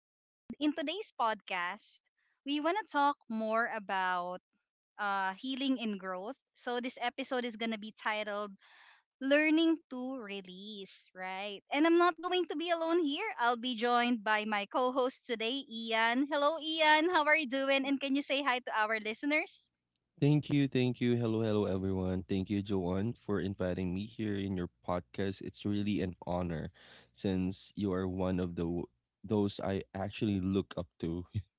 And in today's podcast, we want to talk more about healing and growth. So, this episode is going to be titled learning to release, right? And I'm not going to be alone here. I'll be joined by my co host today, Ian. Hello, Ian. How are you doing? And can you say hi to our listeners? Thank you, thank you. Hello, hello, everyone. Thank you, Joanne, for inviting me here in your podcast. It's really an honor, since you are one of the those I actually look up to.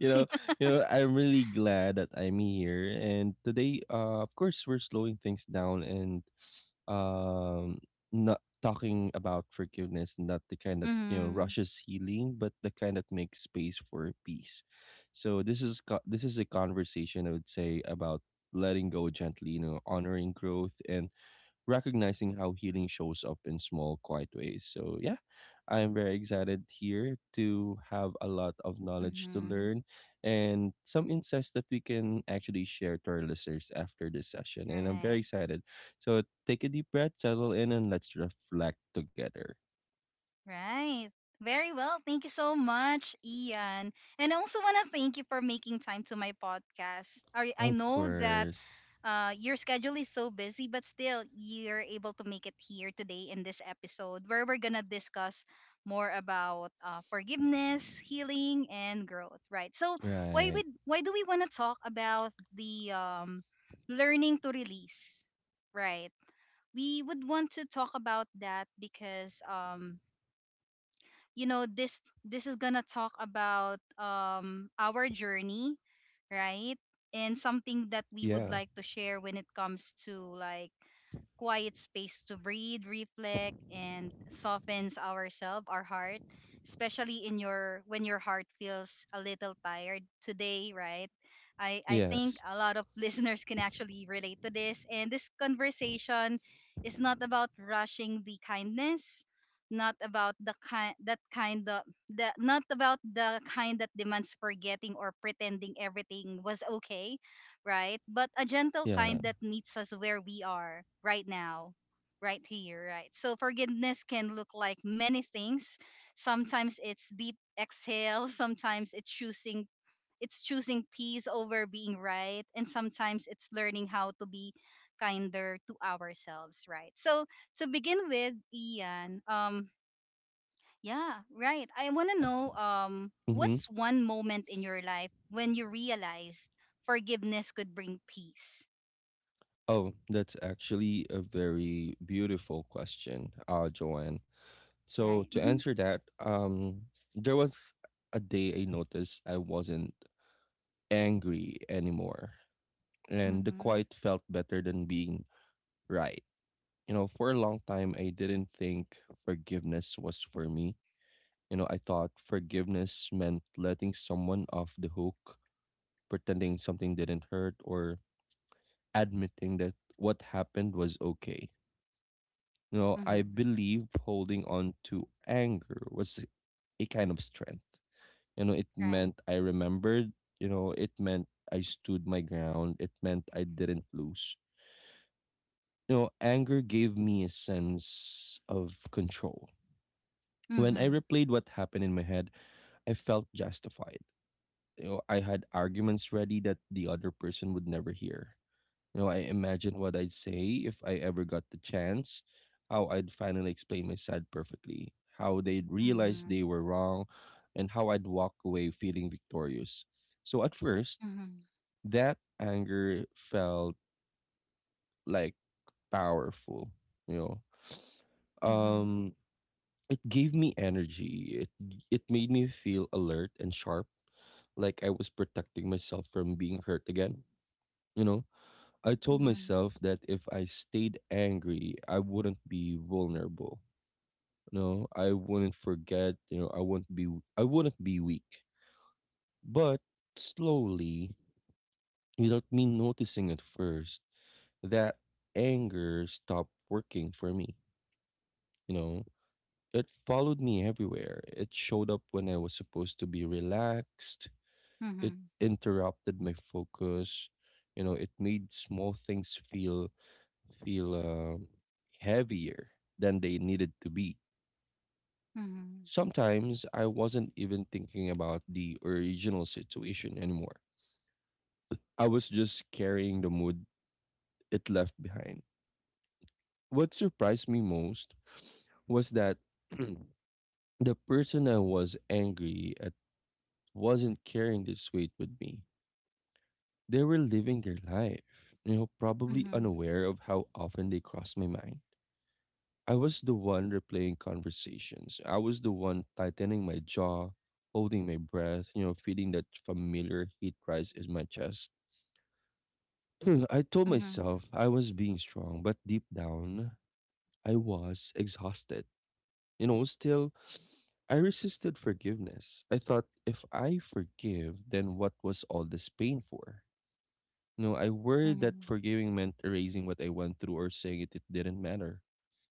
You know, I'm really glad that I'm here. And today, of course, we're slowing things down and um not talking about forgiveness, not the kind that Mm-hmm. rushes healing, but the kind that makes space for peace. So this is a conversation, I would say, about letting go gently, honoring growth, and recognizing how healing shows up in small, quiet ways. So, yeah, I'm very excited here to have a lot of knowledge to Mm-hmm. learn and some insights that we can actually share to our listeners after this session. And I'm very Right. excited. So, take a deep breath, settle in, and let's reflect together. Right. Very well. Thank you so much, Ian. And I also want to thank you for making time to my podcast. I Of know that course. Your schedule is so busy, but still you're able to make it here today in this episode where we're gonna discuss more about forgiveness, healing, and growth. Right. So Right. Why do we want to talk about the learning to release? Right. We would want to talk about that because you know this is gonna talk about our journey, right? And something that we would Yeah. like to share when it comes to like quiet space to breathe, reflect, and softens ourselves, our heart, especially in your when your heart feels a little tired today, right? I Yes. think a lot of listeners can actually relate to this. And this conversation is not about rushing the kindness, not about the kind that kind of the not about the kind that demands forgetting or pretending everything was okay, right? But a gentle Yeah. kind that meets us where we are right now, right here, right? So forgiveness can look like many things. Sometimes it's deep exhale, sometimes it's choosing peace over being right, and sometimes it's learning how to be kinder to ourselves, right? So to begin with, Ian, yeah, right. I want to know Mm-hmm. what's one moment in your life when you realized forgiveness could bring peace. Oh, that's actually a very beautiful question, Joanne. So Right. to Mhm. answer that, there was a day I noticed I wasn't angry anymore, and the Mhm. quiet felt better than being right. For a long time, I didn't think forgiveness was for me. I thought forgiveness meant letting someone off the hook, pretending something didn't hurt, or admitting that what happened was okay. I Mhm. believe holding on to anger was a kind of strength. It Right. meant I remembered. It meant I stood my ground. It meant I didn't lose. Anger gave me a sense of control. When I Mhm. replayed what happened in my head, I felt justified. I had arguments ready that the other person would never hear. I imagined what I'd say if I ever got the chance, how I'd finally explain my side perfectly, how they'd realize Mhm. they were wrong, and how I'd walk away feeling victorious. So at first, Mhm. that anger felt like powerful, you know. Mhm. Um it gave me energy. It made me feel alert and sharp, like I was protecting myself from being hurt again, you know. I told Mhm. myself that if I stayed angry, I wouldn't be vulnerable. I wouldn't forget, I wouldn't be weak. But slowly, without me noticing at first, that anger stopped working for me. You know, it followed me everywhere. It showed up when I was supposed to be relaxed. It Mhm. interrupted my focus. It made small things feel heavier than they needed to be. Mhm. Sometimes I wasn't even thinking about the original situation anymore. I was just carrying the mood it left behind. What surprised me most was that the person I was angry at wasn't carrying this weight with me. They were living their life, probably Mhm. unaware of how often they crossed my mind. I was the one replaying conversations. I was the one tightening my jaw, holding my breath, feeling that familiar heat rise in my chest. I told Mhm. myself I was being strong, but deep down, I was exhausted. Still, I resisted forgiveness. I thought if I forgive, then what was all this pain for? No, I worried that Mhm. forgiving meant erasing what I went through or saying it didn't matter.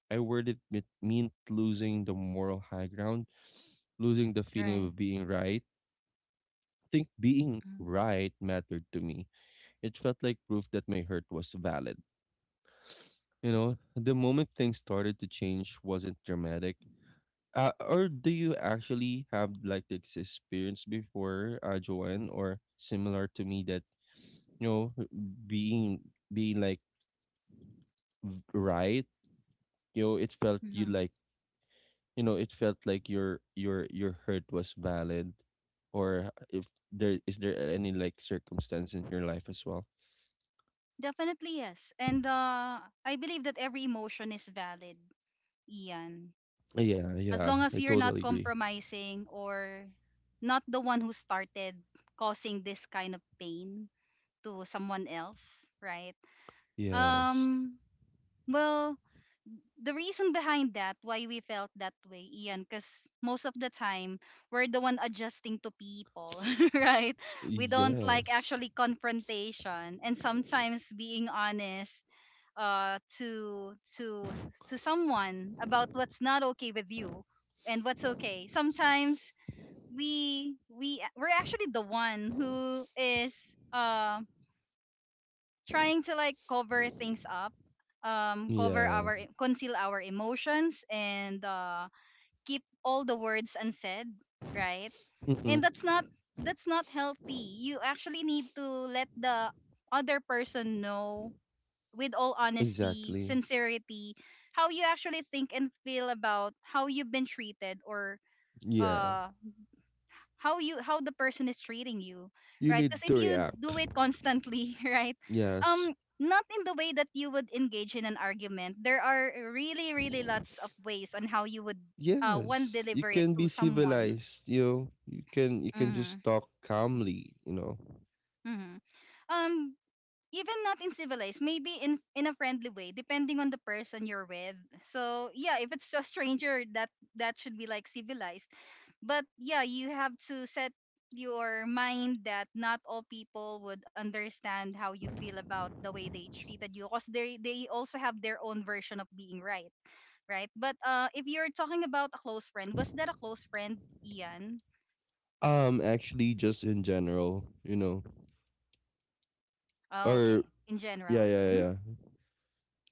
I worried it meant losing the moral high ground, losing the feeling Right. of being right. I think being Mhm. right mattered to me. It felt like proof that my hurt was valid. The moment things started to change wasn't dramatic. Or do you actually have like this experience before, Joanne, or similar to me that you know being being like right, it felt you Mhm. like, it felt like your hurt was valid, or if there is there any like circumstance in your life as well? Definitely yes. And I believe that every emotion is valid, Ian. Yeah, As yeah, long I as you're not totally agree. compromising or not the one who started causing this kind of pain to someone else, right? Yes, Um, well, the reason behind that, why we felt that way, Ian, because most of the time we're the one adjusting to people, right? We don't like yes. actually confrontation, and sometimes being honest uh to to to someone about what's not okay with you and what's okay sometimes we we're actually the one who is uh trying to like cover things up, cover Yeah. our conceal our emotions and keep all the words unsaid, right? Mm-hmm. And that's not, that's not healthy. You actually need to let the other person know with all honesty, Exactly. sincerity, how you actually think and feel about how you've been treated, or Yeah. uh how you, how the person is treating you, You right? need Because if to you react. do it constantly, right? Yes. um Not in the way that you would engage in an argument, there are really, really lots of ways on how you would one Yes, you deliver it can to be someone. civilized, you can Mm-hmm, just talk calmly. mm-hmm. Um, even not in civilized, maybe in a friendly way depending on the person you're with. So yeah, if it's a stranger, that should be like civilized, but yeah, you have to set your mind that not all people would understand how you feel about the way they treated you because they also have their own version of being right, right? But if you're talking about a close friend, was that a close friend, Ian? Actually just in general. Oh, Or okay, in yeah, yeah, general. yeah. Hmm. Yeah.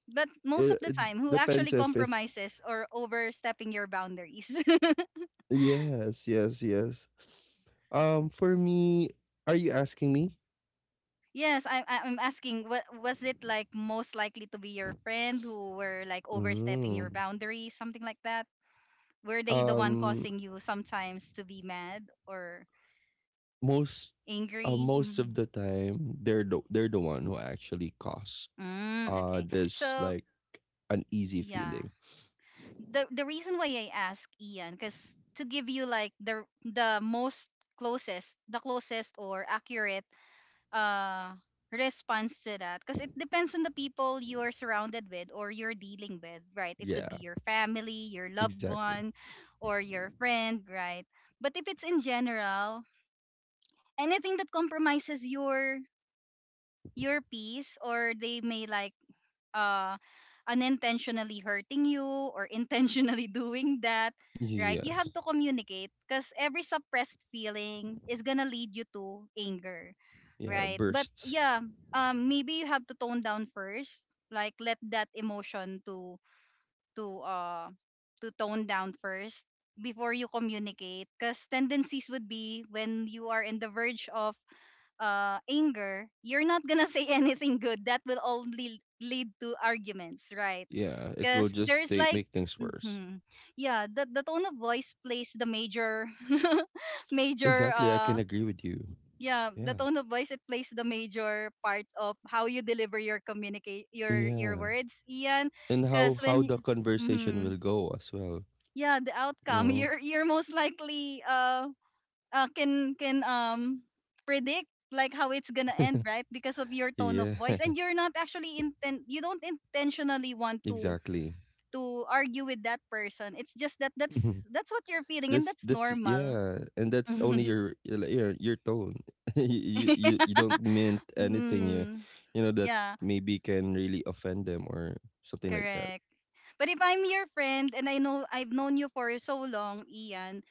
But most of It, the it time, who depends actually if it's compromises or overstepping your boundaries? yes, yes, yes. For me, are you asking me? Yes, I'm asking, what was it like, most likely to be your friend who were like overstepping your Mm. boundaries, something like that? Were they the one Um, causing you sometimes to be mad or most, angry? most Mhm. of the time, they're the one who actually cause Mm, okay. this So, like uneasy yeah. feeling. The reason why I ask Ian cuz to give you like the most closest, the closest or accurate uh response to that, because it depends on the people you're surrounded with or you're dealing with, right? It could Yeah, be your family, your loved exactly. one, or your friend, right? But if it's in general, anything that compromises your peace or they may like uh unintentionally hurting you or intentionally doing that, right? You Yes, have to communicate, because every suppressed feeling is gonna lead you to anger, yeah, right? But bursts. yeah, maybe you have to tone down first, like let that emotion to to uh to tone down first before you communicate, because tendencies would be when you are in the verge of anger, you're not gonna say anything good. That will only lead to arguments, right? Yeah, it will Because just there's take, like, make things worse. mhm, yeah, the tone of voice plays the major, major, Exactly, I can agree with you. yeah, Yeah. the tone of voice it plays the major part of how you deliver your communicate your Yeah. words, Ian. And Because how when, the conversation mm will go as well. Yeah, the You outcome, know. You're most likely, can predict like how it's gonna end, right? Because of your tone of Yeah. voice, and you're not actually intent, you don't intentionally want to Exactly. Argue with that person. It's just that that's what you're feeling, and that's that's that's normal. yeah, and that's only your like, your tone. You don't mean anything, yeah. Hmm. You know that Yeah, maybe can really offend them or something like that. correct. But if I'm your friend and I know, I've known you for so long, Ian,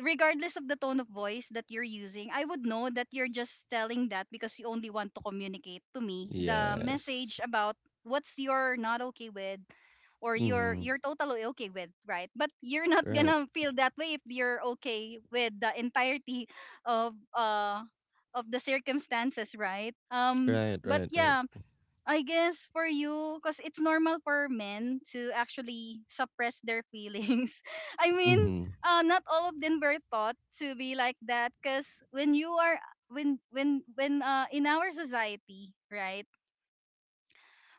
regardless of the tone of voice that you're using, I would know that you're just telling that because you only want to communicate to me the Yes. message about what's, you're not okay with, or you're Mm-hmm. you're totally okay with, right? But you're not Right, gonna feel that way if you're okay with the entirety of uh of the circumstances, right? Um, right, but right, right. yeah, I guess for you, because it's normal for men to actually suppress their feelings. I mean, Mm-hmm. Not all of them were taught to be like that. Because when you are when in our society, right?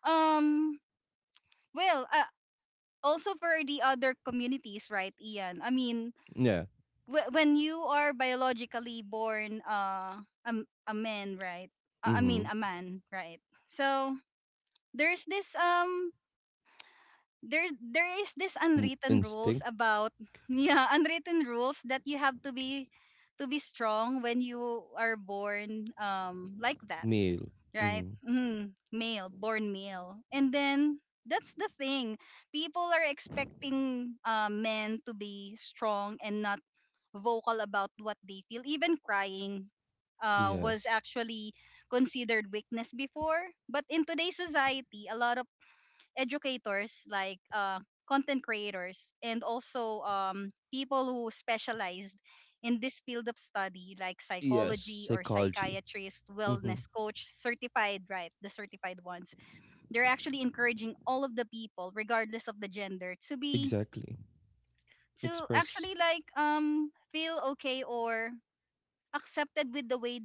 Um, well, uh, also for the other communities, right, Ian? I mean, Yeah. When you are biologically born, a man, right? I Mm-hmm. mean, a man, right? So there's this there there is this unwritten rules Instinct. about yeah, unwritten rules that you have to be strong when you are born like that, Male. right? Mm-hmm. Mm, male, born male, and then that's the thing. People are expecting men to be strong and not vocal about what they feel. Even crying was Yes, actually considered weakness before, but in today's society, a lot of educators like content creators and also people who specialized in this field of study like yes, psychology or psychology. psychiatrist, Mm-hmm. wellness coach certified, right, the certified ones, they're actually encouraging all of the people regardless of the gender to be Exactly. to Express. actually like feel okay or accepted with the way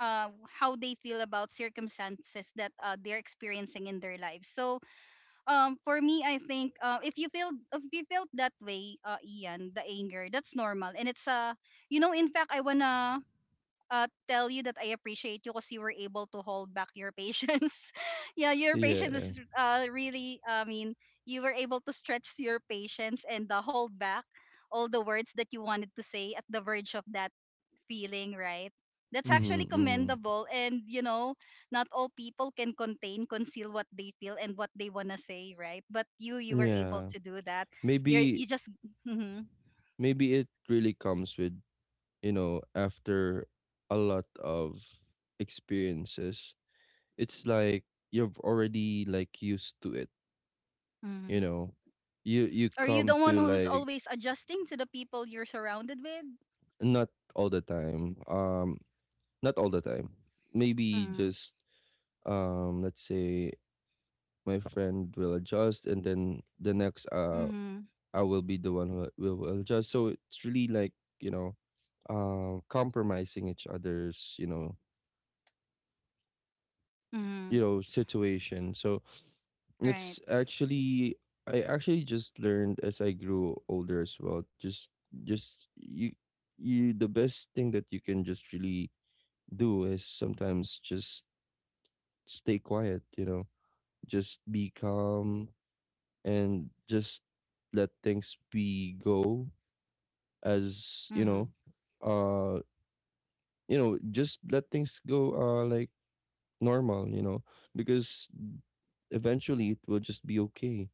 how they feel about circumstances that they're experiencing in their lives. So for me I think if you feel, if you felt that way, Ian, the anger, that's normal, and it's you know, in fact I wanna tell you that I appreciate you because you were able to hold back your patience. Yeah, your patience Yeah. is, really, I mean, you were able to stretch your patience and hold back all the words that you wanted to say at the verge of that feeling, right? That's actually Mhm. Mhm. commendable. And, you know, not all people can contain, conceal what they feel and what they want to say, right? But you were able Yeah. to do that. You're, Maybe you just, mhm, maybe it really comes with, you know, after a lot of experiences. It's like you've already like used to it, you mhm, know. You are you come the one to who's like always adjusting to the people you're surrounded with? not all the time. Not all the time. Maybe Mm, just let's say my friend will adjust and then the next mhm, I will be the one who will adjust. So it's really like you know, compromising each other's mhm, situation. So right. it's actually I actually just learned as I grew older as well. Just you the best thing that you can just really do is sometimes just stay quiet. You know, just be calm and just let things be go as Mhm, uh just let things go like normal, because eventually it will just be okay,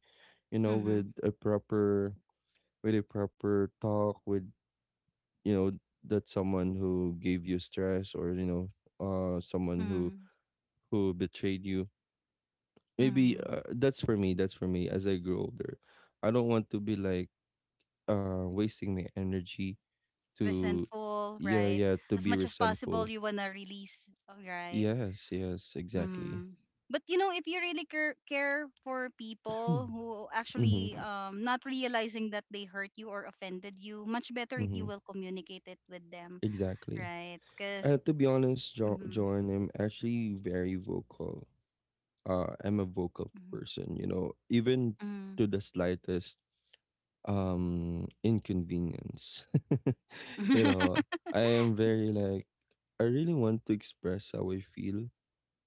you know, with mhm, a proper talk with you know that someone who gave you stress or you know someone who mhm, who betrayed you. Maybe mhm. That's for me as I grow older, I don't want to be like wasting my energy to Resentful, yeah, right? yeah, to As be much as possible, resentful. you want to release, oh, right? Yes, yes, exactly. Mm. But you know, if you really care, care for people who Mm-hmm. actually not realizing that they hurt you or offended you, much better if you Mm-hmm. will communicate it with them, Exactly. right? Uh, Because to be honest, jo- mm-hmm, John, I'm actually very vocal. I'm a vocal person, even mm-hmm, to the slightest inconvenience. you know, I am very like I really want to express how I feel,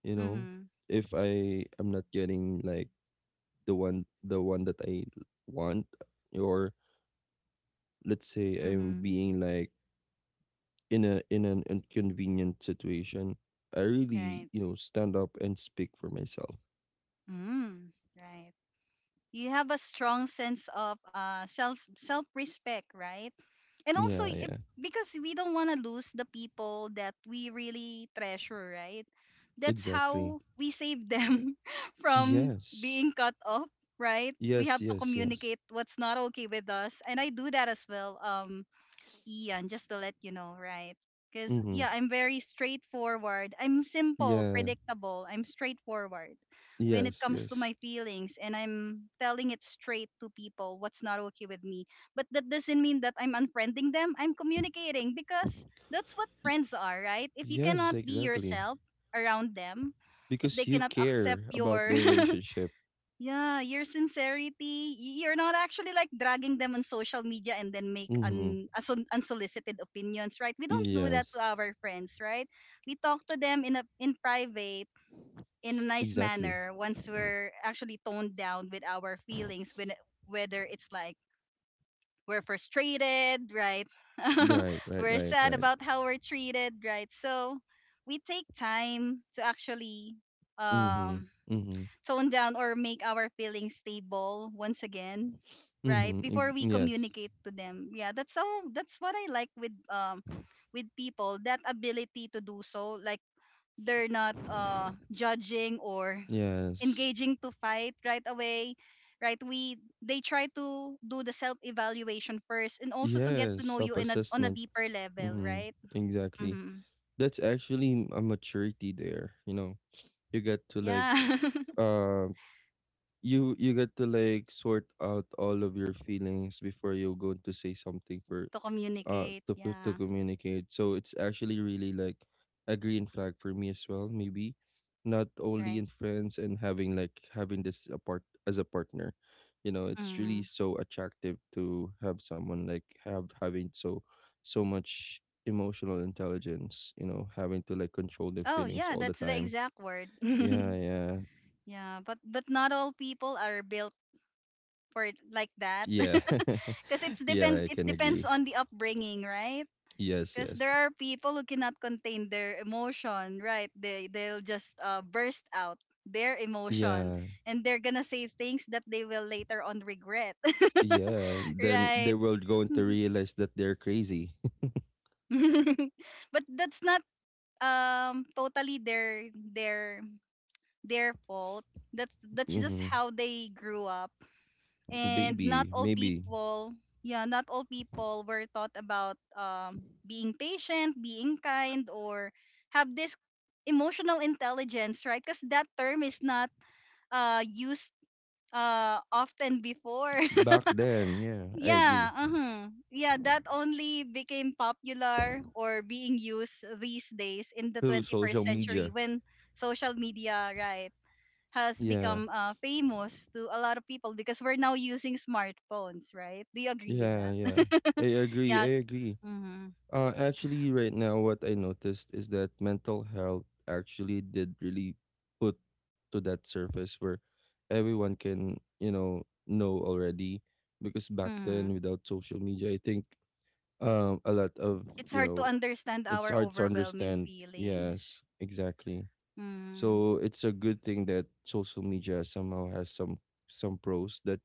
you know, mm-hmm, if I am not getting like the one that I want or let's say I'm mm-hmm, being like in a in an inconvenient situation, I really, right, you know, stand up and speak for myself. mm, right. You have a strong sense of self, self respect, right? And also Yeah, if, yeah. because we don't want to lose the people that we really treasure, right? That's Exactly. how we save them from Yes. being cut off, right? We have Yes, to yes, yes. communicate what's not okay with us, and I do that as well, Ian, just to let you know, right? Because, Mm-hmm. yeah, I'm very straightforward. I'm simple, Yeah. predictable. I'm straightforward when it Yes, comes to yes. my feelings, and I'm telling it straight to people what's not okay with me. But that doesn't mean that I'm unfriending them. I'm communicating because that's what Y- friends are, right? If you yes, cannot be exactly. yourself around them, if they Because you cannot accept care about your the relationship. yeah, your sincerity. You're not actually like dragging them on social media and then make Mm-hmm. Unsolicited opinions, right? We don't do that to Yes, our friends, right? We talk to them in private in a nice exactly. manner once we're actually toned down with our feelings when whether it's like we're frustrated, right? Right, right, We're right, sad right. about how we're treated, right? So, we take time to actually Mm-hmm. um Mm-hmm. tone down or make our feelings stable once again right Mm-hmm. Ex- before we yes. communicate to them, yeah. That's what I like with people, that ability to do so, like they're not judging or Yes. engaging to fight right away, right? we They try to do the self evaluation first and also to get to Yes. know you in a on a Self-assessment. deeper level, Mm-hmm. right? Exactly. Mm-hmm. That's actually a maturity there. You get to like Yeah. uh you get to like sort out all of your feelings before you go to say something To communicate, to yeah. communicate. So it's actually really like a green flag for me as well, maybe. Not only Right. in friends and having this apart as a partner. It's Mm-hmm. really so attractive to have someone like have having so much emotional intelligence, having to like control their Oh feelings yeah, all the that's the time. exact word. Yeah, yeah. Yeah, but not all people are built for it like that. Yeah. Because yeah, I it can depends agree. on the upbringing, right? Yes, Because there yes. are people who cannot contain their emotion, right? They'll just burst out their emotion Yeah, and they're gonna say things that they will later on regret, yeah, then they right? were going to realize that they're crazy. But that's not totally their fault. That's just Hmm. how they grew up and not Maybe, all maybe people, yeah, not all people were taught about being patient, being kind, or have this emotional intelligence, right? Because that term is not used often before. back then. Yeah, I agree. Yeah, uh-huh. Yeah, that only became popular or being used these days in the Through 21st social century, media. when social media, right, has Yeah, become famous to a lot of people because we're now using smartphones, right? Do you agree with that? yeah, yeah. I agree. Yeah. I agree. Mm-hmm. Actually, right now, what I noticed is that mental health actually did really put to that surface where everyone can, you know already. Because back Mm-hmm. then, without social media, I think a lot of It's you hard to know understand it's our hard to overwhelming understand. feelings. Yes, exactly. Mm, So it's a good thing that social media somehow has some pros that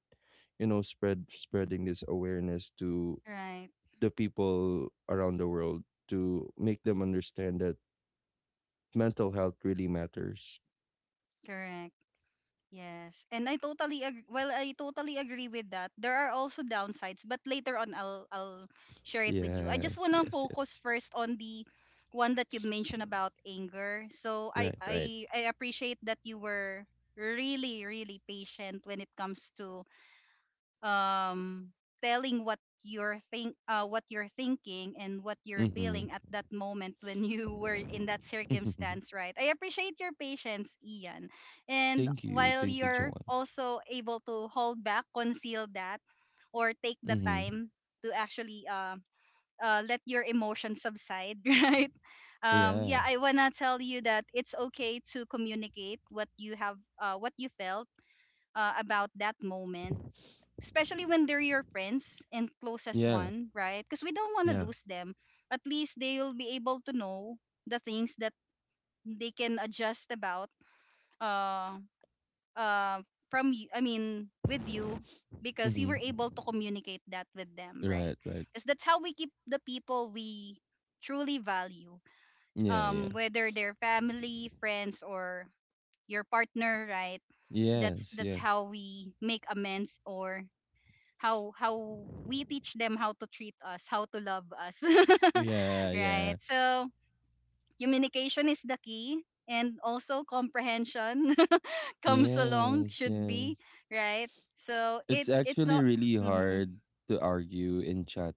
spreading this awareness to right. the people around the world to make them understand that mental health really matters. Correct. Yes, and I totally I totally agree with that. There are also downsides, but later on I'll share it with you. I just Yes, want to yes, yes. focus first on the one that you mentioned about anger. So Right, right. I appreciate that you were really, really patient when it comes to um telling what you're think what you're thinking and what you're Mm-hmm. feeling at that moment when you were in that circumstance, right? I appreciate your patience, Ian. And Thank you, while thank you, you're Joanne. also able to hold back, conceal that or take the Mm-hmm. time to actually let your emotions subside, right? Yeah, Yeah, I want to tell you that it's okay to communicate what you have what you felt about that moment, especially when they're your friends and closest yeah, one, right? Because we don't want to yeah. lose them. At least they will be able to know the things that they can adjust about, uh uh from you, I mean with you, because you Mm-hmm. were able to communicate that with them, right? Right, right. Because that's how we keep the people we truly value, Yeah, yeah. Whether they're family, friends, or your partner, right? Yes, That's yes. how we make amends or how we teach them how to treat us, how to love us. Yeah, Right? yeah. So, communication is the key, and also comprehension comes along Yes, should yes. be, right? So, It's it's actually all really mhm. hard to argue in chat.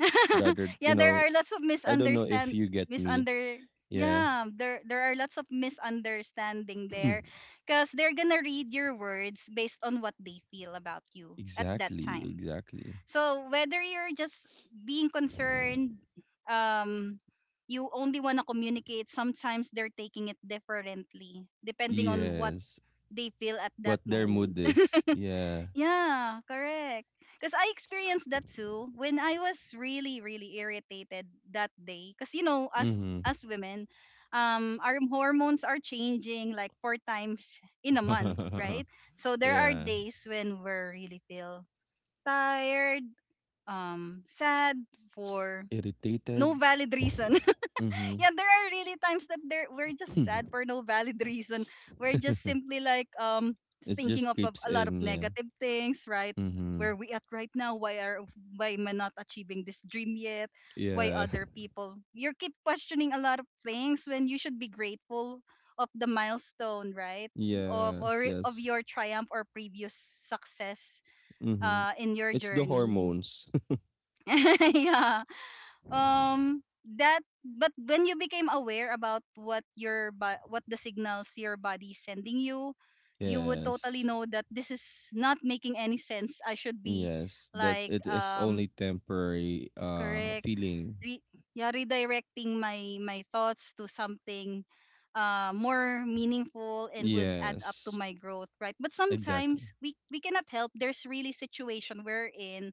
Rather, you Yeah, there know, are lots of I don't know if misunderstand you get me. misunder Yeah. yeah, there are lots of misunderstanding there because they're gonna read your words based on what they feel about you at that Exactly, time. exactly. So whether you're just being concerned, um, you only want to communicate. Sometimes they're taking it differently, depending on what Yes. they feel at that What their moment. mood is. Yeah. Yeah, correct. Because I experienced that too when I was really, really irritated that day. Because you know, Mm-hmm. as women, our hormones are changing like 4 times in a month, right? So there are Yeah. days when we really feel tired, um, sad for Irritated. no valid reason. Mm-hmm. Yeah, there are really times that there we're just sad for no valid reason. We're just simply like It thinking just of creeps a lot of in, yeah. negative things, right? Mm-hmm. Where we at right now, why am I not achieving this dream yet? Why Yeah. other people, you keep questioning a lot of things when you should be grateful of the milestone, right? Yes, Of yes. your triumph or previous success Mm-hmm. In your It's the journey. hormones. Yeah, that but when you became aware about what the signals your body is sending you, you would totally Yes. know that this is not making any sense, I should be Yes. That like, it is only temporary correct, feeling. re- yeah, redirecting my thoughts to something more meaningful and would add up to Yes. my growth, right? But sometimes Exactly. We cannot help, there's really situation wherein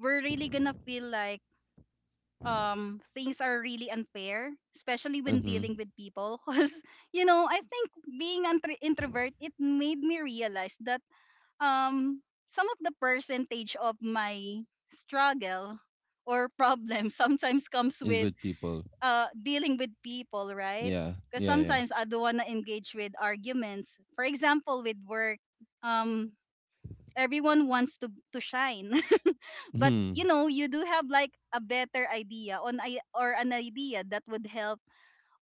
we're really gonna feel like things are really unfair, especially when Mm-hmm. dealing with people, because you know, I think being an introvert, it made me realize that um some of the percentage of my struggle or problem sometimes comes Is with with people. Dealing with people, right? Yeah. Because Yeah. Yeah. sometimes I don't want to engage with arguments, for example with work, um everyone wants to shine. But you Hmm. know, you do have like a better idea on I or an idea that would help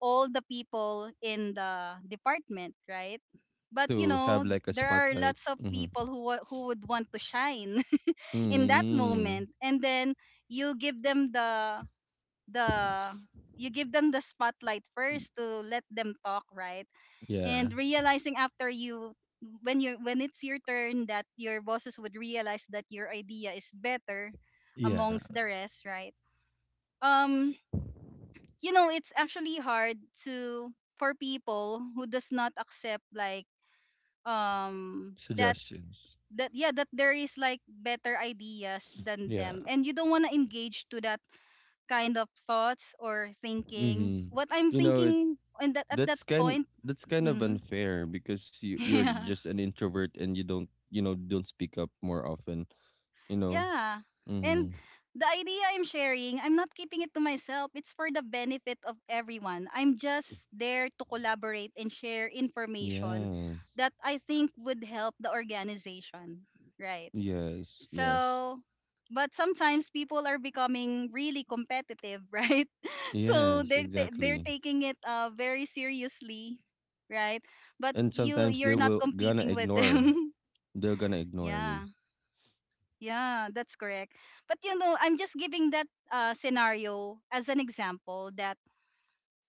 all the people in the department, right? But you To know, have like a there are spotlight. lots of Mm-hmm. people who would want to shine in that Mm-hmm. moment, and then you give them the you give them the spotlight first to let them talk, right? Yeah. And realizing after you when it's your turn, that your bosses would realize that your idea is better Yeah. amongst the rest, right? um you know, it's actually hard to for people who does not accept like, um that Suggestions. that, yeah, that there is like better ideas than Yeah. them, and you don't want to engage to that kind of thoughts or thinking, Mm-hmm. what I'm You know it thinking, and that at that that's kind point that's kind of mm, unfair because you're yeah. just an introvert and you don't you know don't speak up more often. You know? Yeah. Mm-hmm. And the idea I'm sharing, I'm not keeping it to myself. It's for the benefit of everyone. I'm just there to collaborate and share information Yes. that I think would help the organization. Right. Yes. Yes. So, but sometimes people are becoming really competitive, right? So Yes, they're exactly. taking it very seriously, right? But And sometimes they you're not will gonna competing with ignore. them. They're gonna ignore you. Yeah. Yeah, that's correct. But you know, I'm just giving that scenario as an example that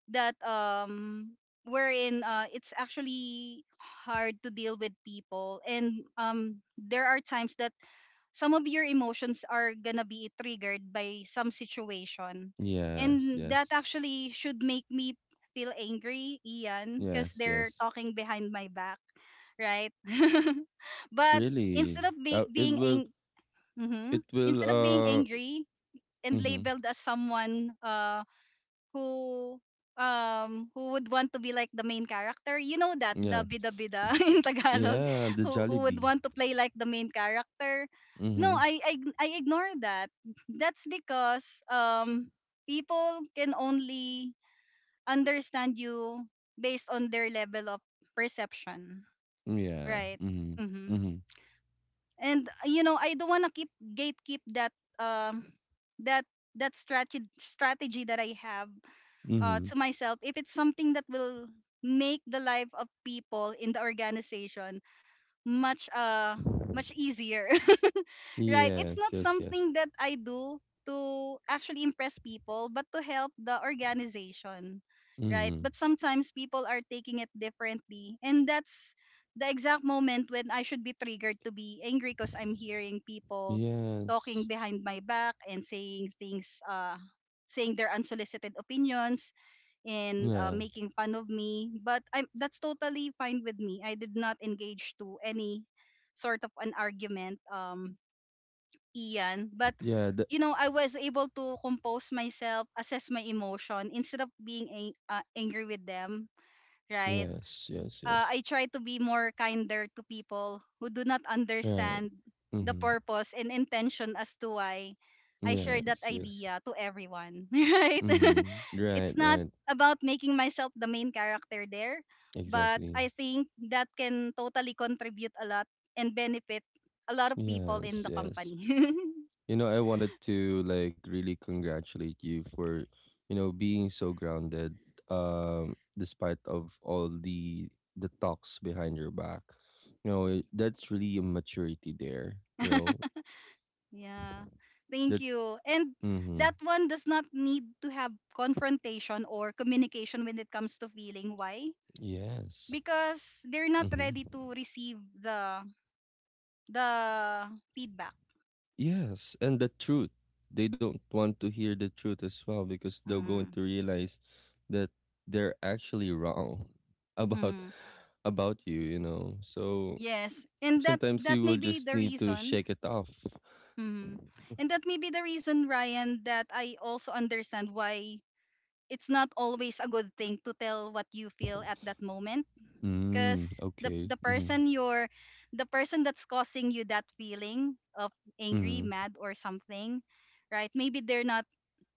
that um wherein, it's actually hard to deal with people, and um, there are times that some of your emotions are gonna be triggered by some situation, Yes, and that yes. actually should make me feel angry, Ian, because Yes, they're yes. talking behind my back, right? But Really. instead of Uh, be- it being will ang- hmm, it will instead of being uh angry and mm-hmm. labeled as someone, who, who would want to be like the main character, you know, that Yeah. the bida bida in Tagalog, Yeah, the who would Jollibee. want to play like the main character, no, Mhm. I ignore that. That's because, um, people can only understand you based on their level of perception, Yeah. right? Mhm. Mm-hmm. Mhm. And you know, I don't want to keep gatekeep that, um that that strategy that I have Mhm. to myself, if it's something that will make the life of people in the organization much uh much easier. Right. It's Yes, not yes, yes. something that I do to actually impress people, but to help the organization. Right. Mhm. But sometimes people are taking it differently. And that's the exact moment when I should be triggered to be angry, because I'm hearing people talking Yes. behind my back and saying things, saying their unsolicited opinions and, Yeah. making fun of me. But that's totally fine with me. I did not engage to any sort of an argument. Ian, but Yeah, you know, I was able to compose myself, assess my emotion instead of angry with them, right? yes, yes, yes. I try to be more kinder to people who do not Right. understand the Mm-hmm. purpose and intention as to why I shared Yes, that yes. idea to everyone, right? Mm-hmm. Right, It's not right. about making myself the main character there, but Exactly. I think that can totally contribute a lot and benefit a lot of people Yes, in the yes. company. You know, I wanted to, like, really congratulate you for, you know, being so grounded, despite of all the talks behind your back. You know, that's really a maturity there. You know, Yeah. Thank that. you. And Mm-hmm. that one does not need to have confrontation or communication when it comes to feeling. Why? Yes. Because they're not Mm-hmm. ready to receive the feedback. Yes, and the truth. They don't want to hear the truth as well because they're going Mm. to realize that they're actually wrong about Mm-hmm. You, you know. So Yes. And sometimes that you may will be just the need to reason. shake it off. Mm-hmm. And that may be the reason, Ryan, that I also understand why it's not always a good thing to tell what you feel at that moment, because Mm, okay. the Mm-hmm. person you're the person that's causing you that feeling of angry, Mm-hmm. mad or something, right? Maybe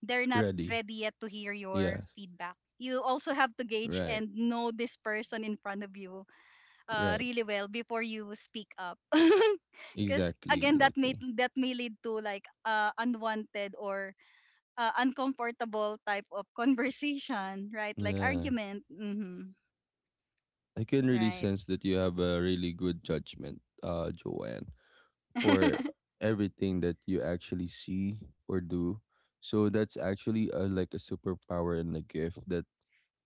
they're not Ready. ready yet to hear your Yes. feedback. You also have to gauge Right. and know this person in front of you Right. really well before you speak up. Because Exactly. again, Exactly. that may lead to like unwanted or uncomfortable type of conversation, right? Like Yeah. argument. I can really Right. sense that you have a really good judgment, Joanne, for everything that you actually see or do. So that's actually, a, like, a superpower and a gift that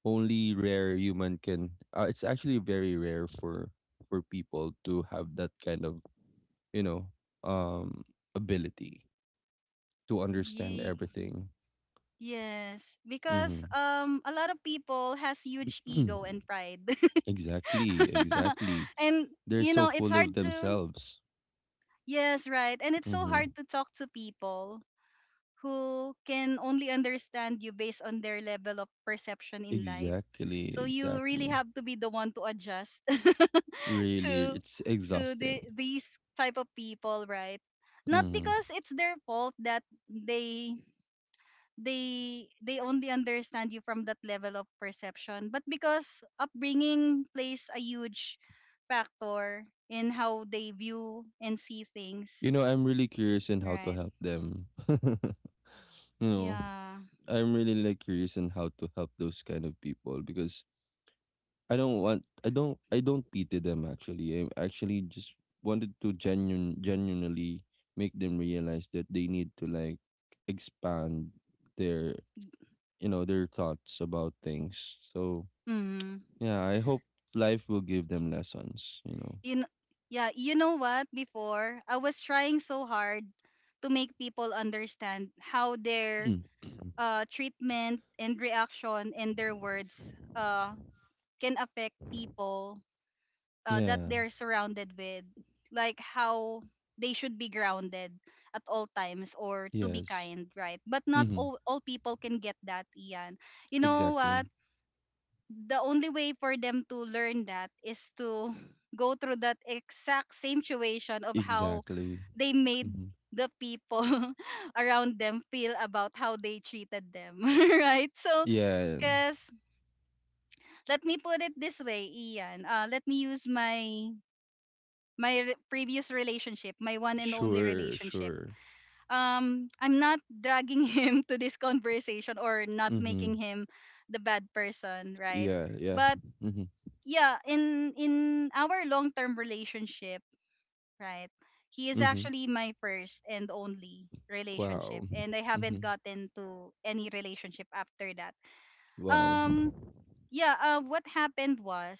only rare human can. It's actually very rare for people to have that kind of, you know, um ability to understand Ye- everything. yes, because Hmm a lot of people has huge ego and pride. exactly, exactly. And They're you so know, it's full hard of to. themselves. Yes, right. And it's so Hmm hard to talk to people who can only understand you based on their level of perception in life. Exactly, So you really exactly. have to be the one to adjust Really, to it's to the exhausting. these type of people, right? Not Mm-hmm. because it's their fault that they they only understand you from that level of perception but because upbringing plays a huge factor in how they view and see things, You know, I'm really curious in how to right? help them. you know, Yeah. I'm really, like, curious in how to help those kind of people because I don't pity them actually. I actually just wanted to genuinely make them realize that they need to, like, expand their, you know, their thoughts about things. So mm yeah, I hope life will give them lessons, you know. you know, yeah, you know what, before I was trying so hard to make people understand how their treatment and reaction and their words can affect people that yeah. they're surrounded with, like how they should be grounded at all times or to be Yes. kind, right? But not hmm all, all people can get that, Ian. You know Exactly. what? The only way for them to learn that is to go through that exact same situation of how Exactly. they made hmm the people around them feel about how they treated them, right? So, Yeah, because let me put it this way, Ian. Let me use my previous relationship, my one and only sure, relationship. sure. I'm not dragging him to this conversation or not hmm making him the bad person, right? Yeah, yeah. But hmm yeah, in our long-term relationship, right? He is hmm actually my first and only relationship Wow. and I hmm haven't gotten to any relationship after that. Wow. Um yeah, what happened was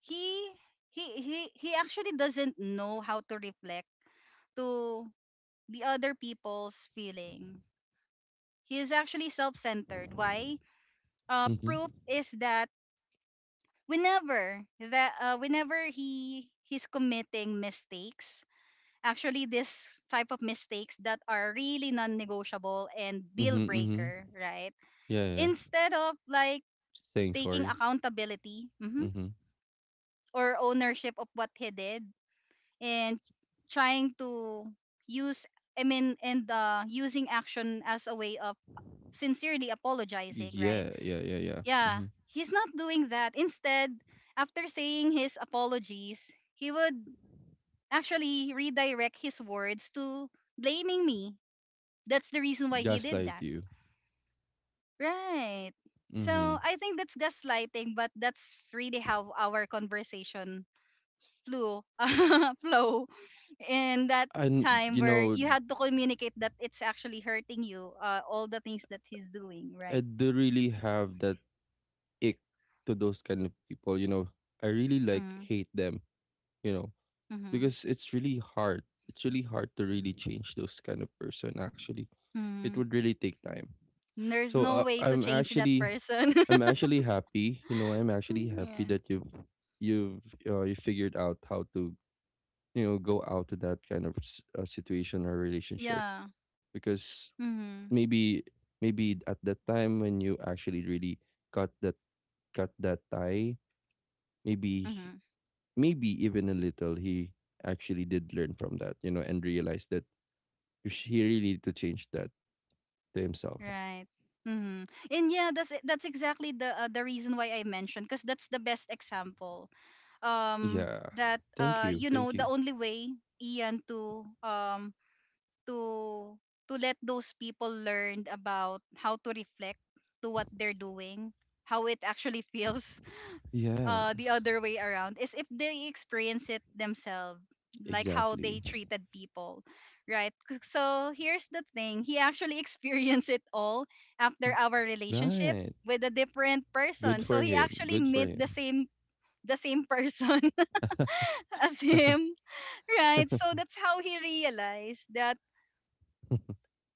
he he he actually doesn't know how to reflect to the other people's feeling. He is actually self-centered. Why? Hmm Proof is that whenever he's committing mistakes, actually this type of mistakes that are really non-negotiable and deal hmm hmm breaker, right? Yeah, yeah. Instead of like Saying taking sorry. accountability, mhm, Hmm or ownership of what he did and trying to use I mean and using action as a way of sincerely apologizing, right? Yeah, yeah, yeah, yeah. Yeah, hmm he's not doing that. Instead, after saying his apologies, he would actually redirect his words to blaming me. That's the reason why he did Gaslight that. you. Right. Hmm So I think that's gaslighting, but that's really how our conversation flew flow in that And time you where know, you had to communicate that it's actually hurting you, all the things that he's doing, I right? do really have that ick to those kind of people. You know, I really, like, Mm-hmm. hate them. You know, because it's really hard. It's really hard to really change those kind of person. Actually, it Mm-hmm. would really take time. Mm, there's So no way to change that person. I'm actually happy. You know, I'm actually happy Yeah. that you've you figured out how to, you know, go out to that kind of s- situation or relationship Yeah. because Mhm. maybe, at that time when you actually really cut that tie, maybe he- Mhm. maybe even a little he actually did learn from that, you know, and realized that he really need to change that to himself. Right. Mhm. And yeah, that's exactly the reason why I mentioned because that's the best example. Yeah. That Thank you. you know, Thank the you. only way, Ian, to to to let those people learn about how to reflect to what they're doing, how it actually feels the Yes. other way around is if they experience it themselves like how they Exactly. treated people, right? So here's the thing, he actually experienced it all after our relationship Right. with a different Good person, so for he him. actually Good for met him. The same person as him, right? So that's how he realized that,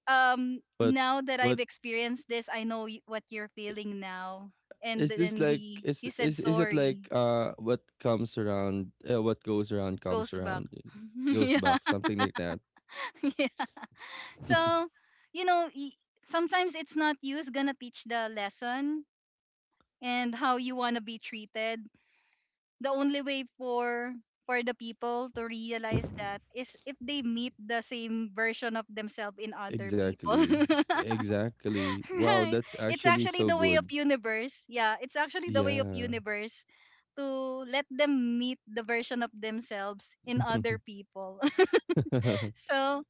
um, but now that what I've experienced this, what you're feeling now. And is this, then like, is he said is is it like, sorry, what goes around comes goes back. around and goes Yeah. back, something like that? Yeah. So, you know, sometimes it's not you is gonna teach the lesson and how you wanna be treated. The only way for the people to realize that is if they meet the same version of themselves in other people. exactly, exactly. Wow, Right. that's It's actually actually so the way good. of universe. Yeah, it's actually the way of Yeah. universe to let them meet the version of themselves in other people. So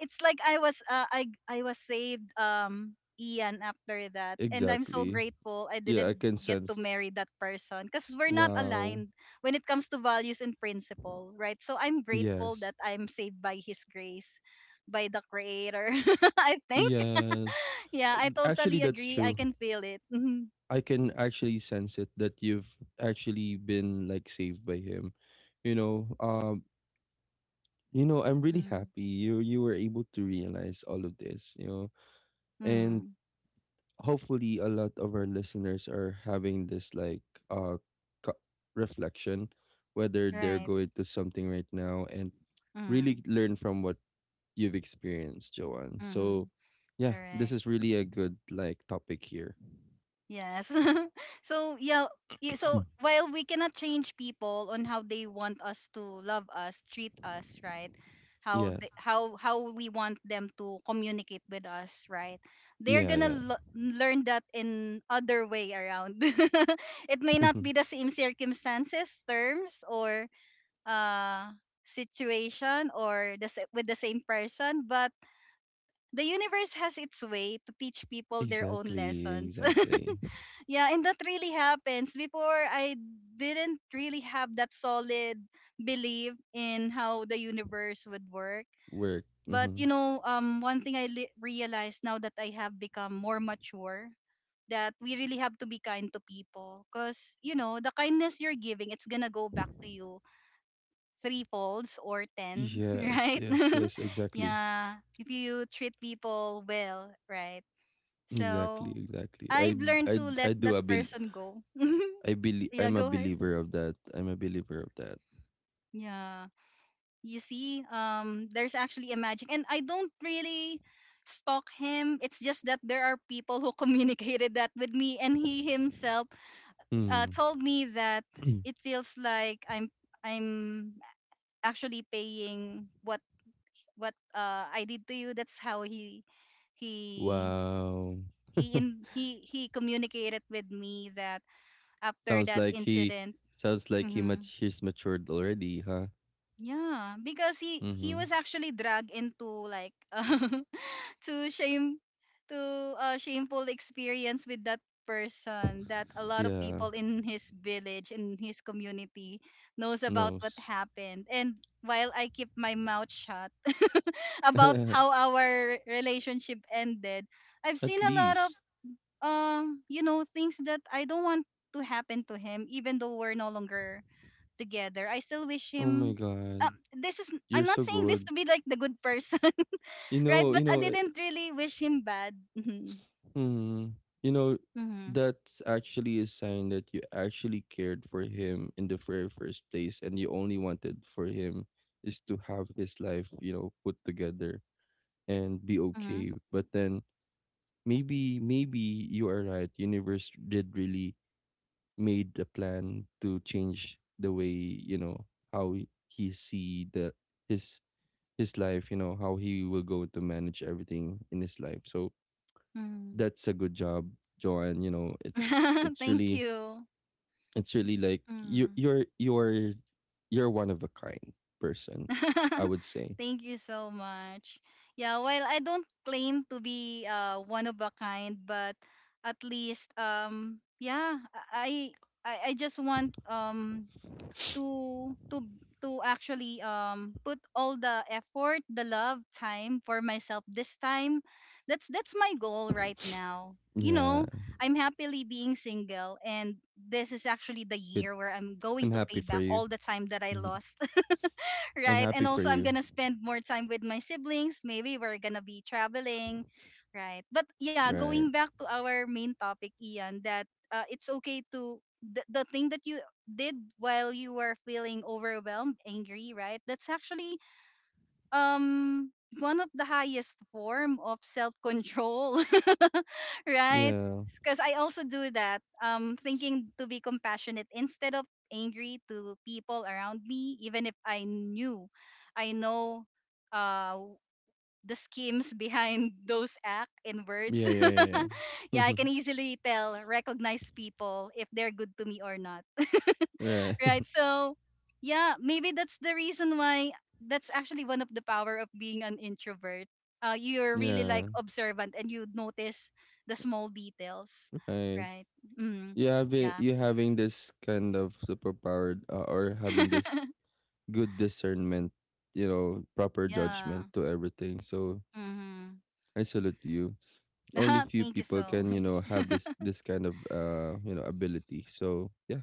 it's like I was I was saved, um, Ian, after that and I'm so Exactly. grateful I Yeah, didn't I can get sense. to marry that person because we're not Wow. aligned when it comes to values and principle, right? So I'm grateful Yes. that I'm saved by his grace, by the creator. I think, Yes. yeah, I Actually, totally that's agree, true. I can feel it. I can actually sense it that you've actually been, like, saved by him. You know, um, you know, I'm really Mm-hmm. happy you were able to realize all of this, you know. And Mm-hmm. hopefully a lot of our listeners are having this, like, uh co- reflection, whether they're Right. going to something right now and Mm-hmm. really learn from what you've experienced, Joanne. So Mm-hmm. yeah, this Correct. is really a good, like, topic here. Yes. So yeah, so while we cannot change people on how they want us to love us, treat us, right? Yeah, How we want them to communicate with us, right? They're yeah, yeah. gonna learn that in other way around. It may not be the same circumstances, terms, or uh situation or with the same person, but the universe has its way to teach people their own exactly, lessons. exactly. Yeah, and that really happens. Before, I didn't really have that solid belief in how the universe would work. Work. But Hmm you know, one thing I realized now that I have become more mature, that we really have to be kind to people because, you know, the kindness you're giving, it's gonna go back to you three folds or ten. Yes, Right. yes, yes. Exactly, Yeah, if you treat people well, right? So exactly, exactly. I've learned to let I do that a bel. person go. I believe Yeah, I'm a go ahead. believer of that. I'm a believer of that. Yeah. You see, there's actually a magic. And I don't really stalk him. It's just that there are people who communicated that with me and he himself, Mm. told me that it feels like I'm actually paying what I did to you. That's how he wow. he in he he communicated with me that after sounds that like he, incident. sounds like he much Mm-hmm. he's matured already, huh? Yeah, because he Mm-hmm. was actually dragged into like to shame to a shameful experience with that person, that a lot of Yeah. people in his village, in his community knows about what Knows. happened. And while I keep my mouth shut about At how our relationship ended, I've seen a lot of, least. You know, things that I don't want to happen to him even though we're no longer together. I still wish Oh my him. Um, god. this is, I'm You're not so saying this good. to be like the good person, right? You But I know, eh, didn't really wish him bad. Mm-hmm. mm, you know, Mm-hmm. that's actually a sign that you actually cared for him in the very first place, and you only wanted for him is to have his life, you know, put together and be Mm-hmm. okay. But then, maybe, you are right. Universe did really made the plan to change the way, you know, how he see the his his life, you know, how he will go to manage everything in his life. So that's a good job, Joanne. You know, it's, Mm-hmm. it's Thank really you. it's really, like, you, Mm. You're one of a kind person, I would say. Thank you so much. Yeah, while I don't claim to be one of a kind, but at least, yeah, I I just want, to to actually, put all the effort, the love, time for myself this time. That's my goal right now. You Yeah, know, I'm happily being single and this is actually the good. year where I'm going I'm to happy pay for back you. all the time that I Mhm. lost. I'm Right? And happy for also, I'm you. gonna spend more time with my siblings. Maybe we're gonna be traveling, right? But yeah, Right. going back to our main topic, Ian, that, it's okay to the thing that you did while you were feeling overwhelmed, angry, right? That's actually, um one of the highest form of self control. Right? Yeah. Because I also do that, thinking to be compassionate instead of angry to people around me, even if I knew, I know, uh, the schemes behind those act in words. Yeah. Yeah. Yeah. Yeah, I Yeah. can easily tell, recognize people if they're good to me or not, right. right? So, yeah, maybe that's the reason why, that's actually one of the power of being an introvert. You're really like Yeah. observant and you notice the small details, Right. right? Mm, yeah. You having this kind of superpower, or having this good discernment, you know, proper Yeah. judgment to everything. So Mm-hmm. I salute you. Only few Thank you people so can, you know, much. have this kind of, you know, ability. So yeah.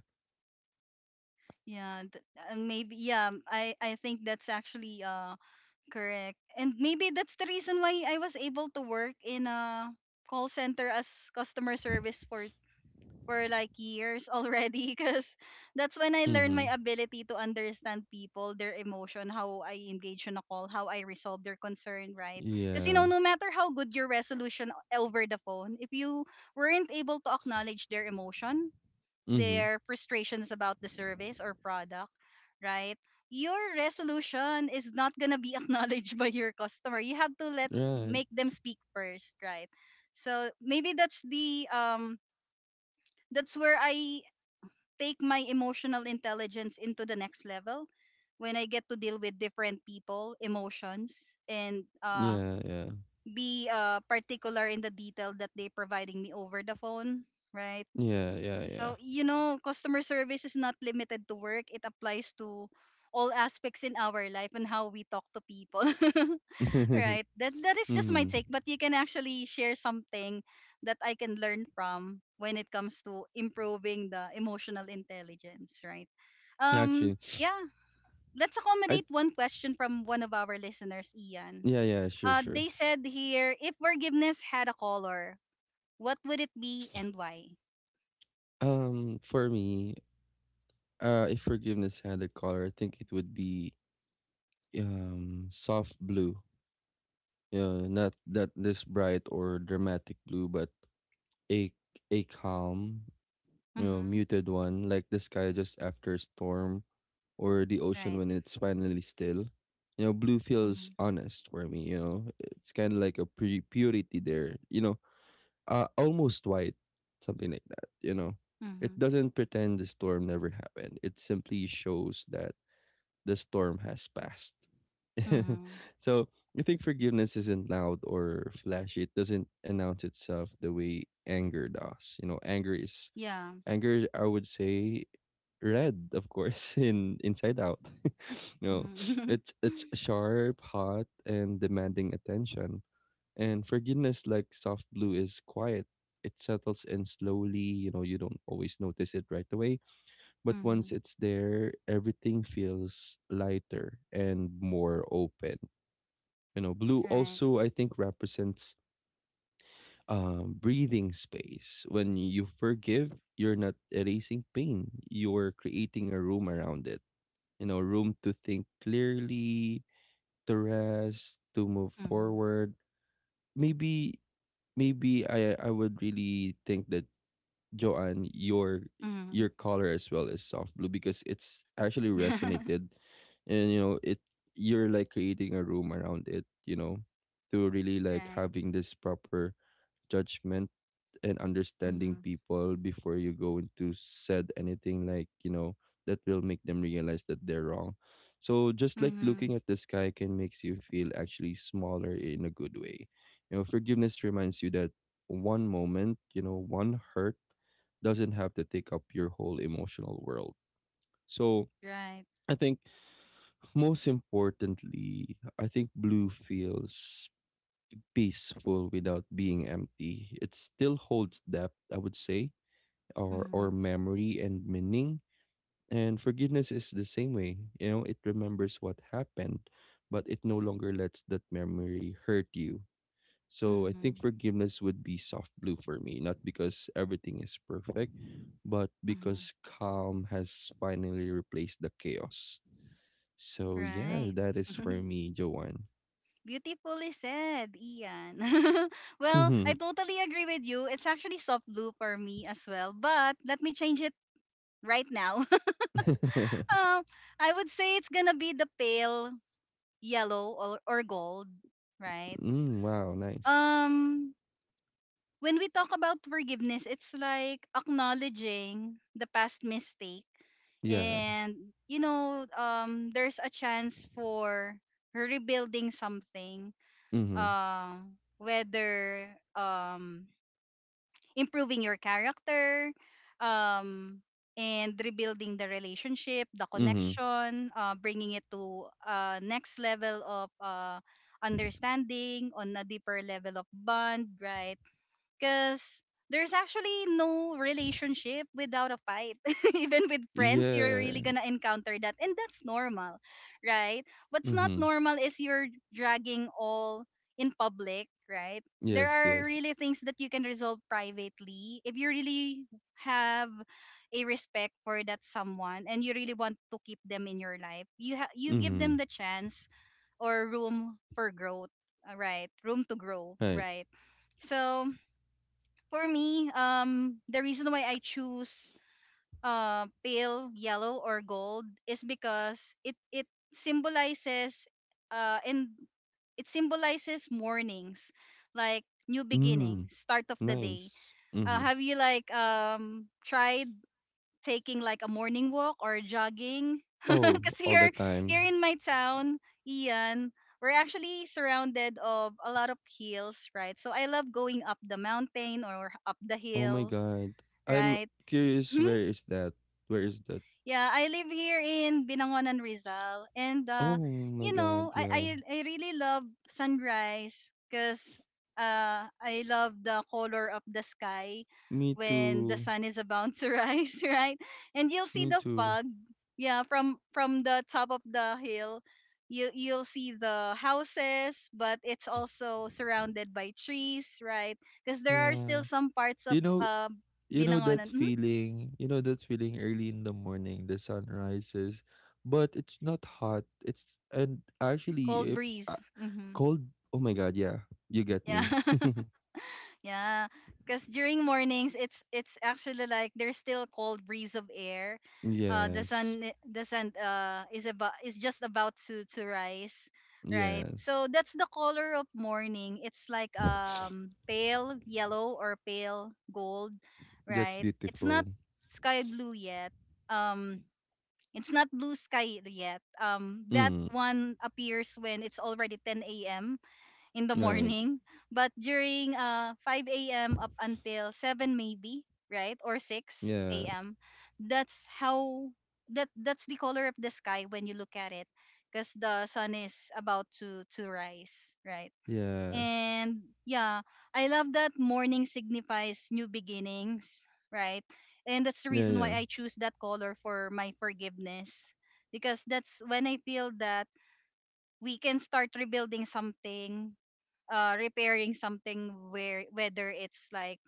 Yeah, and maybe yeah, I I think that's actually correct. And maybe that's the reason why I was able to work in a call center as customer service for like years already because that's when I learned my Mhm. ability to understand people, their emotion, how I engage in a call, how I resolve their concern, right? Because you know, Yeah. no matter how good your resolution over the phone, if you weren't able to acknowledge their emotion, Mhm. their frustrations about the service or product, right? Your resolution is not gonna be acknowledged by your customer. You have to let Right. make them speak first, right? So maybe that's the, that's where I take my emotional intelligence into the next level when I get to deal with different people, emotions, and Yeah, yeah. be particular in the detail that they're providing me over the phone, right? Yeah, yeah, yeah. So, you know, customer service is not limited to work, it applies to all aspects in our life and how we talk to people. Right. That is just my mhm. take, but you can actually share something that I can learn from when it comes to improving the emotional intelligence, right? Um Actually, yeah, let's I, accommodate one question from one of our listeners, Ian. yeah, yeah, sure, sure. They said here, if forgiveness had a color, what would it be and why? For me, if forgiveness had a color, I think it would be soft blue. Yeah, not that this bright or dramatic blue, but a, calm, you know, Mhm. muted one, like the sky just after a storm or the ocean Right. when it's finally still. You know, blue feels Mhm. honest for me, you know. It's kind of like a pre purity there, you know, almost white, something like that, you know. It Mhm. doesn't pretend the storm never happened. It simply shows that the storm has passed. Mhm. so I think forgiveness isn't loud or flashy. It doesn't announce itself the way anger does. You know, anger is Yeah. anger. Is, I would say, red, of course, in Inside Out. you know, Mhm. it's sharp, hot, and demanding attention. And forgiveness, like soft blue, is quiet. It settles in slowly. You know, you don't always notice it right away, but once Mhm. it's there, everything feels lighter and more open. You know, blue Right. also, I think, represents breathing space. When you forgive, you're not erasing pain. You're creating a room around it. You know, room to think clearly, to rest, to move Mhm. forward. Maybe, I, would really think that, Joanne, your Mhm. color as well is soft blue because it's actually resonated, and you know it, you're like creating a room around it, you know, to really, like, Right. having this proper judgment and understanding Mhm. people before you go into said anything, like, you know, that will make them realize that they're wrong. So just like Mhm. looking at the sky can makes you feel actually smaller in a good way, you know, forgiveness reminds you that one moment, you know, one hurt doesn't have to take up your whole emotional world. So Right. I think, most importantly, I think blue feels peaceful without being empty. It still holds depth, I would say, or, Mhm. memory and meaning. And forgiveness is the same way. You know, it remembers what happened, but it no longer lets that memory hurt you. So I think Mhm. forgiveness would be soft blue for me, not because everything is perfect, but Mhm. because calm has finally replaced the chaos. So yeah, Right. that is for me, Joanne. Beautifully said, Ian. Well, I Mhm. totally agree with you. It's actually soft blue for me as well, but let me change it right now. um, I would say it's gonna be the pale yellow or gold, right? mm, wow, nice. Um, when we talk about forgiveness, it's like acknowledging the past mistake, Yeah. and there's a chance for rebuilding something, Mm-hmm. Whether, improving your character, um and rebuilding the relationship, the Mm-hmm. connection, bringing it to next level of understanding on a deeper level of bond, right? Because there's actually no relationship without a fight. Even with friends, you're really Yeah. gonna encounter that. And that's normal, right? What's not Mm-hmm. normal is you're dragging all in public, right? There Yes, are yes. really things that you can resolve privately if you really have a respect for that someone and you really want to keep them in your life. You give them Mhm, the chance or room for growth, right? Room to grow, right. right? So for me, the reason why I choose, pale yellow or gold is because it symbolizes and it symbolizes mornings, like new Mm, beginnings, start of the day. nice. Mhm. Have you like tried taking like a morning walk or jogging? Oh, Because all the here time. in my town, Ian, we're actually surrounded of a lot of hills, right? So I love going up the mountain or up the Oh my hills, god. I'm right? curious, where is that? Where is that? Yeah, I live here in Binangonan, Rizal, and Oh my you know, god, I I, yeah. I really love sunrise because, I love the color of the sky Me when the too. sun is about to rise, right? And you'll see Me the too. fog, yeah, from the top of the hill. You'll see the houses, but it's also surrounded by trees, right? Because there are still Yeah. some parts of, You know, uh, Binangonan. Mhm. You know that feeling early in the morning, the sun rises, but it's not hot. It's, and actually Cold if, breeze. uh, Hmm. cold. Oh my god, yeah. You get Yeah. me. Yeah. Because during mornings, it's actually like there's still a cold breeze of air. Yes. The sun, is just about to rise, right? Yes. So that's the color of morning. It's like pale yellow or pale gold, That's right? It's beautiful. not sky blue yet. Um, it's not blue sky yet. That Mm, one appears when it's already 10 a.m. in the right. morning, but during 5 a.m. up until 7 maybe, right? Or Yeah. 6 a.m. That's how that's the color of the sky when you look at it because the sun is about to rise, right? Yes. And yeah, I love that morning signifies new beginnings, right? And that's the Yeah, reason why yeah. I choose that color for my forgiveness because that's when I feel that we can start rebuilding something, repairing something, where whether it's like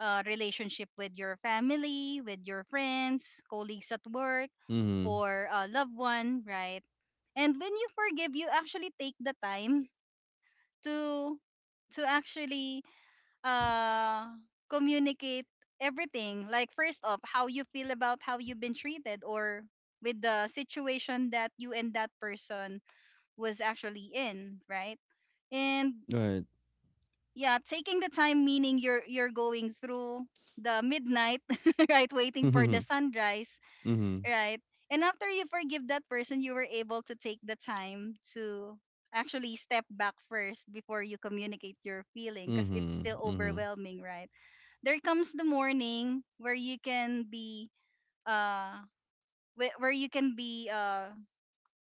a relationship with your family, with your friends, colleagues at work, Mhm. or a loved one, right? And when you forgive, you actually take the time to to actually uh communicate everything. Like first off, how you feel about how you've been treated or with the situation that you and that person was actually in, right? And Right. yeah, taking the time, meaning you're going through the midnight right, waiting for Mhm. the sunrise, Mhm. right, and after you forgive that person you were able to take the time to actually step back first before you communicate your feeling because it's Mhm. still Mhm. overwhelming, right. There comes the morning where uh you can be,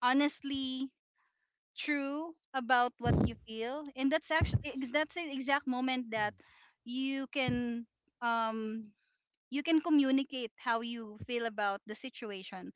honestly true about what you feel, and that's actually, that's the exact moment that you can um you can communicate how you feel about the situation,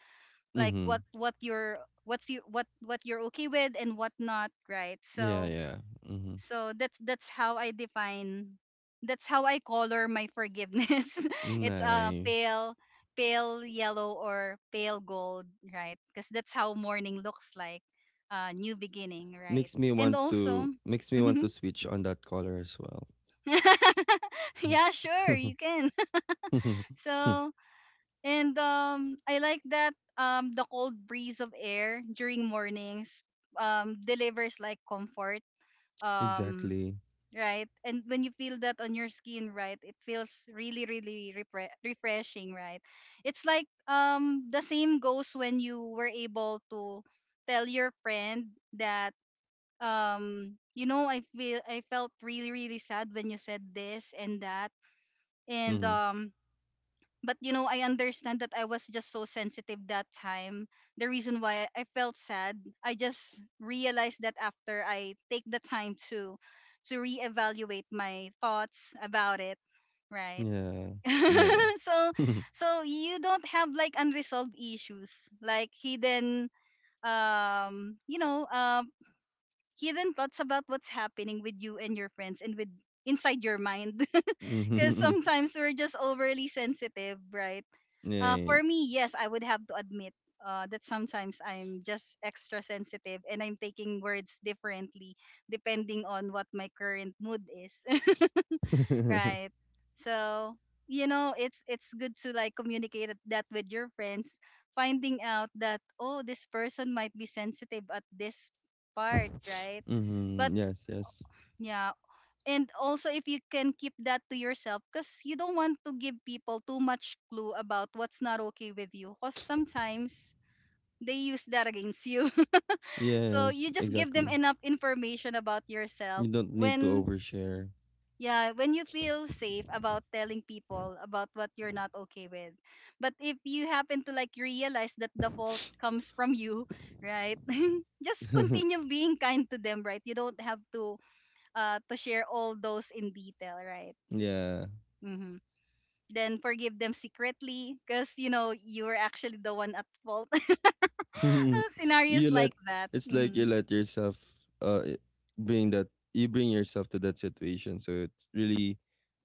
like what Mhm. what you're what's you what what you're okay with and what not, right, Yeah, so, yeah. Mhm. so that's how I color my forgiveness. It's a, Nice. pale yellow or pale gold, right? Because that's how morning looks like, new beginning, right? Makes me And want also. to, Mhm. switch on that color as well. Yeah, sure, you can. So, and I like that the cold breeze of air during mornings, delivers like comfort. Um Exactly. right? And when you feel that on your skin, right, it feels really, really refreshing, right? It's like the same goes when you were able to tell your friend that, you know, I felt really, really sad when you said this and that, and Mhm. But you know I understand that I was just so sensitive that time, the reason why I felt sad, I just realized that after I take the time to reevaluate my thoughts about it, right. Yeah. Yeah, So, yeah. so you don't have like unresolved issues, like hidden, um you know um hidden thoughts about what's happening with you and your friends and with inside your mind, because Mhm. sometimes we're just overly sensitive, right. Yeah. For me, yes, I would have to admit, that sometimes I'm just extra sensitive and I'm taking words differently depending on what my current mood is. Right. Right. So, you know, it's good to like communicate that with your friends, finding out that, oh, this person might be sensitive at this part, right? But Mhm. Yes, yes. yeah, and also if you can keep that to yourself because you don't want to give people too much clue about what's not okay with you because sometimes they use that against you. So Yes, you just give them exactly. enough information about You yourself don't need to when overshare. yeah, when you feel safe about telling people about what you're not okay with, but if you happen to like realize that the fault comes from you, right. Just continue being kind to them, right, you don't have to share all those in detail, right. Yeah. Hmm. Then forgive them secretly because you know you were actually the one at fault. Scenarios You let, like that. it's like you Hmm. let yourself, uh i- bring that, you bring yourself to that situation. So it's really,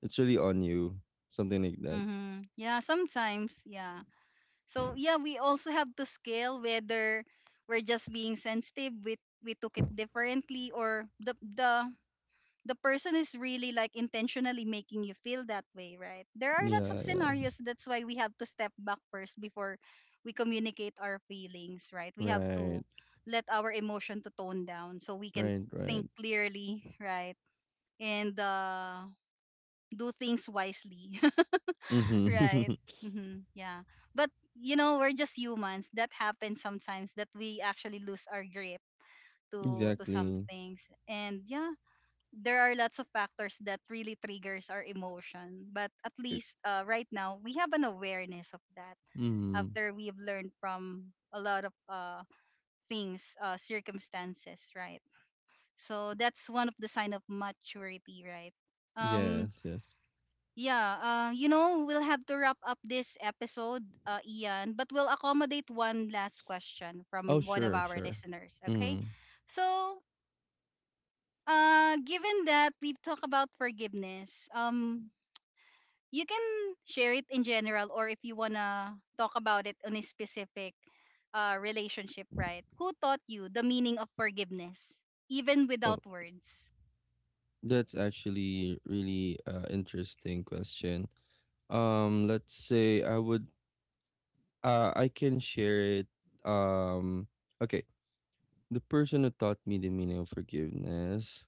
on you. Something like that. Hmm. Yeah, sometimes. Yeah. So yeah, we also have to scale whether we're just being sensitive. We took it differently, or the the person is really like intentionally making you feel that way, right? There are lots of Yeah, yeah. scenarios. That's why we have to step back first before we communicate our feelings, right? We have to Right. let our emotion to tone down so we can Right, think right. clearly, right? And, do things wisely, right? Mm-hmm. Hmm. Yeah. But, we're just humans. That happens sometimes that we actually lose our grip to some Exactly. things. And yeah, there are lots of factors that really triggers our emotion, but at least, right now we have an awareness of that Mm. after we've learned from a lot of, things, circumstances, right. So that's one of the sign of maturity, right. um Yes, yes. yeah. We'll have to wrap up this episode, Ian, but we'll accommodate one last question Oh, from one of sure, our sure. listeners, okay? Mm. So, given that we've talked about forgiveness, you can share it in general, or if you wanna talk about it on a specific relationship, right? Who taught you the meaning of forgiveness, even Oh, without words? that's actually really interesting question. Let's say I can share it. Um, okay. The person who taught me the meaning of forgiveness,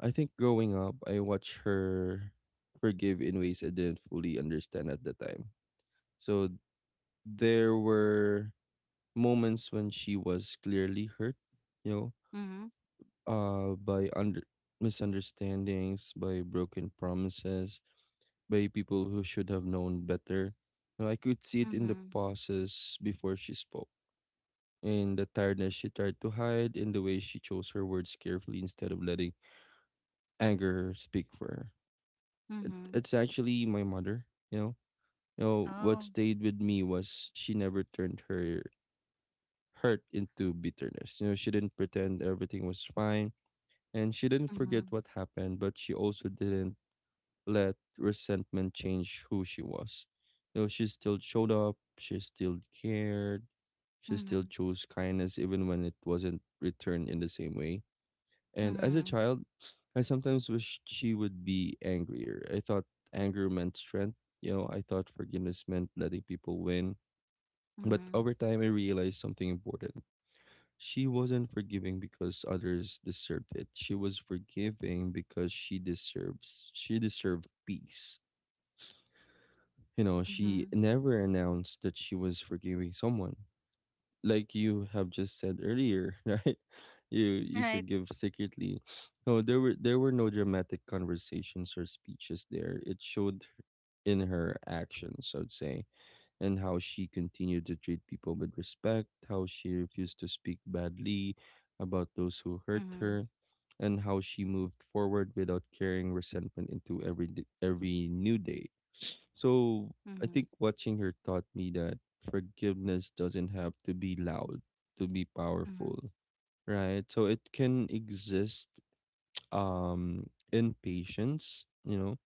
I think growing up, I watched her forgive in ways I didn't fully understand at the time. So there were moments when she was clearly hurt, you know, Mm-hmm. By under misunderstandings, by broken promises, by people who should have known better. You know, I could see it in the Mm-hmm. pauses before she spoke, in the tiredness she tried to hide, in the way she chose her words carefully instead of letting anger speak for her. Mm-hmm. It's actually my mother, you know. You know what Oh. stayed with me was she never turned her hurt into bitterness. You know, she didn't pretend everything was fine, and she didn't forget Mm-hmm. what happened, but she also didn't let resentment change who she was. You know, she still showed up, she still cared, she still Mm-hmm. chose kindness even when it wasn't returned in the same way. And as a Mm-hmm. child, I sometimes wished she would be angrier. I thought anger meant strength. You know, I thought forgiveness meant letting people win. But over time, I realized something important. She wasn't forgiving because others deserved it. She was forgiving because she deserved peace. You know, she Mm-hmm. never announced that she was forgiving someone, like you have just said earlier, right? You Mm-hmm. Right. forgive secretly. No, there were no dramatic conversations or speeches there. It showed in her actions, I'd say, and how she continued to treat people with respect, how she refused to speak badly about those who hurt Mm-hmm. her, and how she moved forward without carrying resentment into every new day. So I Mm-hmm. think watching her taught me that forgiveness doesn't have to be loud to be powerful, Mm-hmm. right? So it can exist in patience, you know,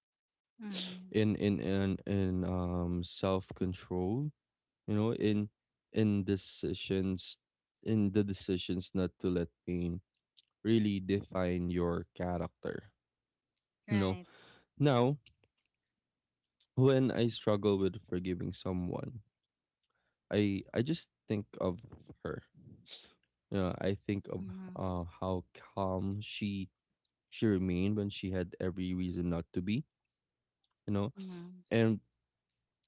Mm-hmm. in self-control, you know, in decisions in the decisions not to let pain really define your character. You know, Right. now when I struggle with forgiving someone, I just think of her. You know, I think of Mm-hmm. How calm she remained when she had every reason not to be. You know, Mm-hmm. and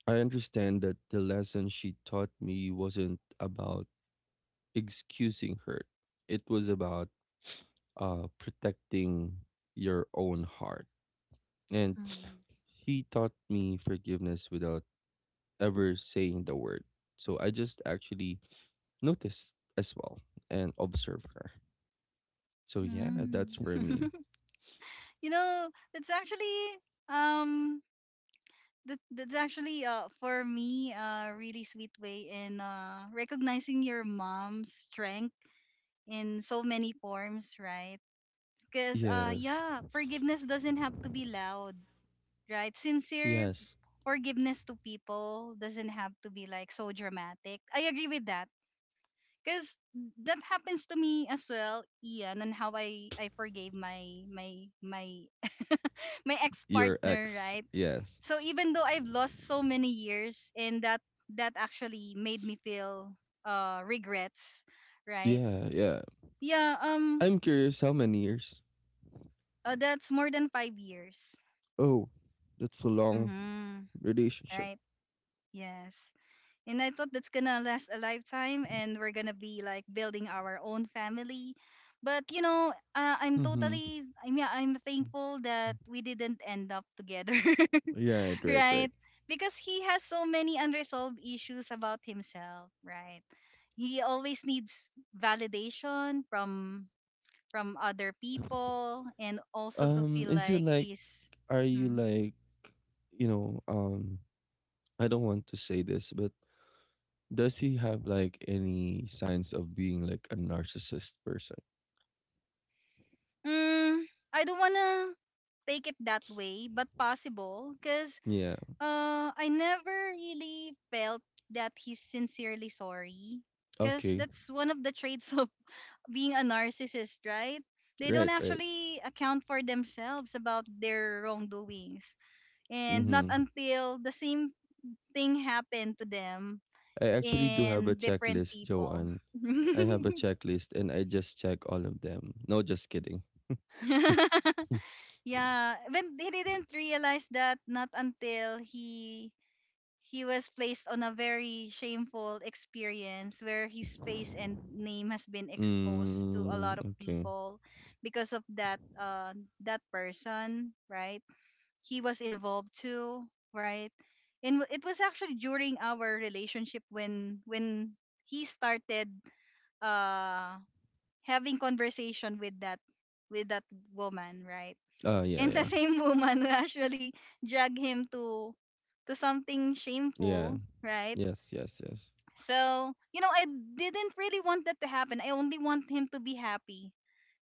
I understand that the lesson she taught me wasn't about excusing hurt. It was about protecting your own heart. And Mm-hmm. she taught me forgiveness without ever saying the word. So I just actually noticed as well and observed her. So yeah, that's Mm. for me. You know, it's actually, um that's actually, for me a really sweet way in recognizing your mom's strength in so many forms, right? Because Yes. yeah, forgiveness doesn't have to be loud, right? Sincere Yes. forgiveness to people doesn't have to be like so dramatic. I agree with that. Because that happens to me as well, Ian, and how I forgave my my my my ex Your partner, ex. right? Yes. So even though I've lost so many years, and that actually made me feel, regrets, right? Yeah, yeah. Yeah, I'm curious, how many years? That's more than 5 years. Oh, that's a long Mhm. relationship. Right? Yes. And I thought that's going to last a lifetime and we're going to be like building our own family. But you know, Mm-hmm. I mean, I'm thankful that we didn't end up together. Right, right, right. Right? Because he has so many unresolved issues about himself, right? He always needs validation from other people, and also to feel Is it like like, he's. are you Hmm? like, you know, I don't want to say this, but does he have like any signs of being like a narcissist person? Mm, I don't want to take it that way, but possible cuz, Yeah. I never really felt that he's sincerely sorry. Because Okay. that's one of the traits of being a narcissist, right? They don't Right, right. actually account for themselves about their wrongdoings. And not Mm-hmm. until the same thing happened to them I actually do have a in different checklist, people. Joanne. I have a checklist and I just check all of them. No, just kidding. Yeah. But he didn't realize that not until he was placed on a very shameful experience where his face and name has been exposed to a Mm, lot of okay. people because of that, that person, right? He was involved too, right? And it was actually during our relationship when he started, uh having conversation with that, with that woman, right? Ah, yeah, And the yeah. same woman will actually drag him to something Yeah. shameful, right? Yes, yes, yes. So, I didn't really want that to happen. I only want him to be happy.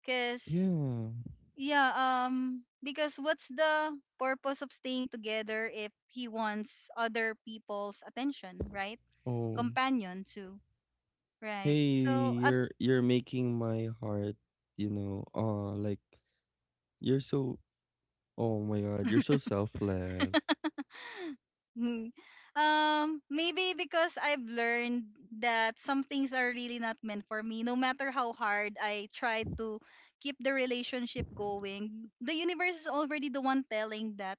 Cause Yeah. yeah, because what's the purpose of staying together if he wants other people's attention, right? Oh. Companion too. Right. Hey, So. you're making my heart, you know, like you're so, oh my God, you're so selfless. Hmm. Maybe because I've learned that some things are really not meant for me. No matter how hard I tried to keep the relationship going, the universe is already the one telling that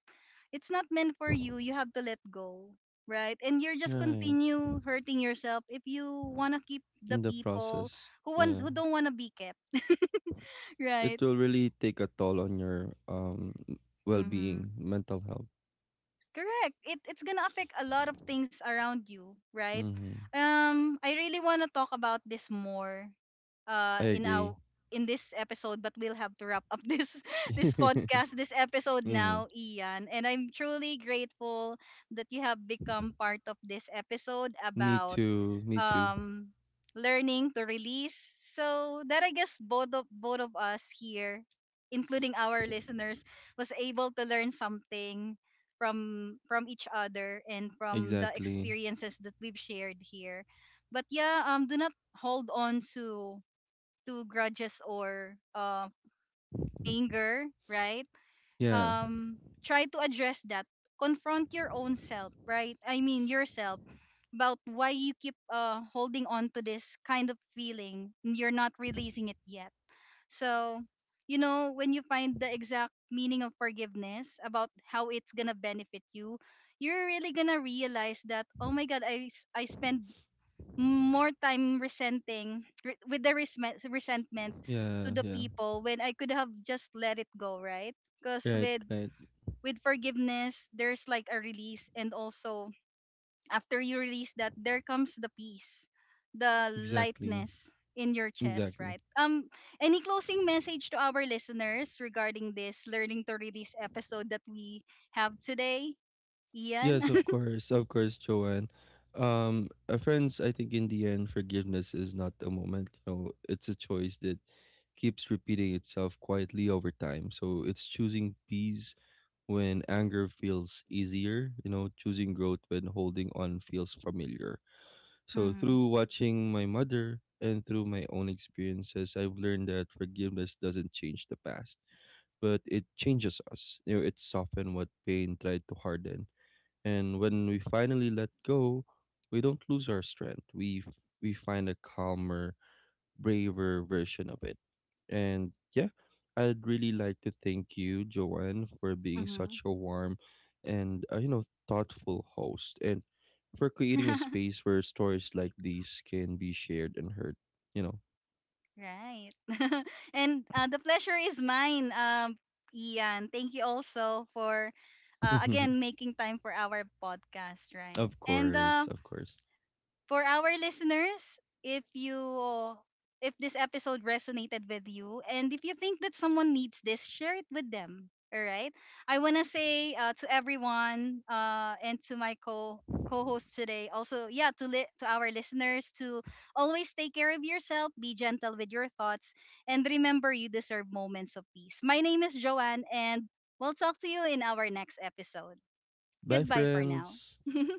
it's not meant for you. You have to let go, right? And you're just Right. continue hurting yourself if you wanna keep the In the people process. Yeah. who don't wanna be kept, It right? will really take a toll on your Mm-hmm. well-being, mental health. Correct. It's gonna affect a lot of things around you, right? Mhm. I really wanna talk about this more, uh I in our agree. in this episode, but we'll have to wrap up this podcast, this episode Mhm. now, Ian. And I'm truly grateful that you have become part of this episode Me about, too, me too. um learning to release, so that I guess both of us here, including our listeners, was able to learn something from each other and from the Exactly. experiences that we've shared here. But yeah, do not hold on to grudges or, anger, right. Yeah, um Try to address that, confront your own self, right, I mean yourself, about why you keep, holding on to this kind of feeling and you're not releasing it yet. So, when you find the exact meaning of forgiveness about how it's gonna benefit you, you're really gonna realize that, oh my god, I spend more time with the resentment to yeah, the yeah. people when I could have just let it go, right, because Right, with right. with forgiveness, there's like a release, and also after you release that, there comes the peace, the Exactly, lightness in your chest, exactly. right? Any closing message to our listeners regarding this learning to release episode that we have today, Ian? Yes, of course, Joanne. Friends, I think in the end, forgiveness is not a moment. You know, it's a choice that keeps repeating itself quietly over time. So it's choosing peace when anger feels easier. You know, choosing growth when holding on feels familiar. So, Mm-hmm. through watching my mother and through my own experiences, I've learned that forgiveness doesn't change the past, but it changes us. You know, it softens what pain tried to harden. And when we finally let go, we don't lose our strength. We find a calmer, braver version of it. And yeah, I'd really like to thank you, Joanne, for being Mm-hmm. such a warm and you know, thoughtful host, and for creating a space where stories like these can be shared and heard. You know, Right. And, the pleasure is mine, Ian. Thank you also for, again, making time for our podcast, right? of And, course, of course. for our listeners, if this episode resonated with you and if you think that someone needs this, share it with them. All right? I want to say, to everyone, and to my co co-host today, also, yeah, to to our listeners, to always take care of yourself, be gentle with your thoughts, and remember you deserve moments of peace. My name is Joanne, and we'll talk to you in our next episode. Bye, Goodbye for now. friends.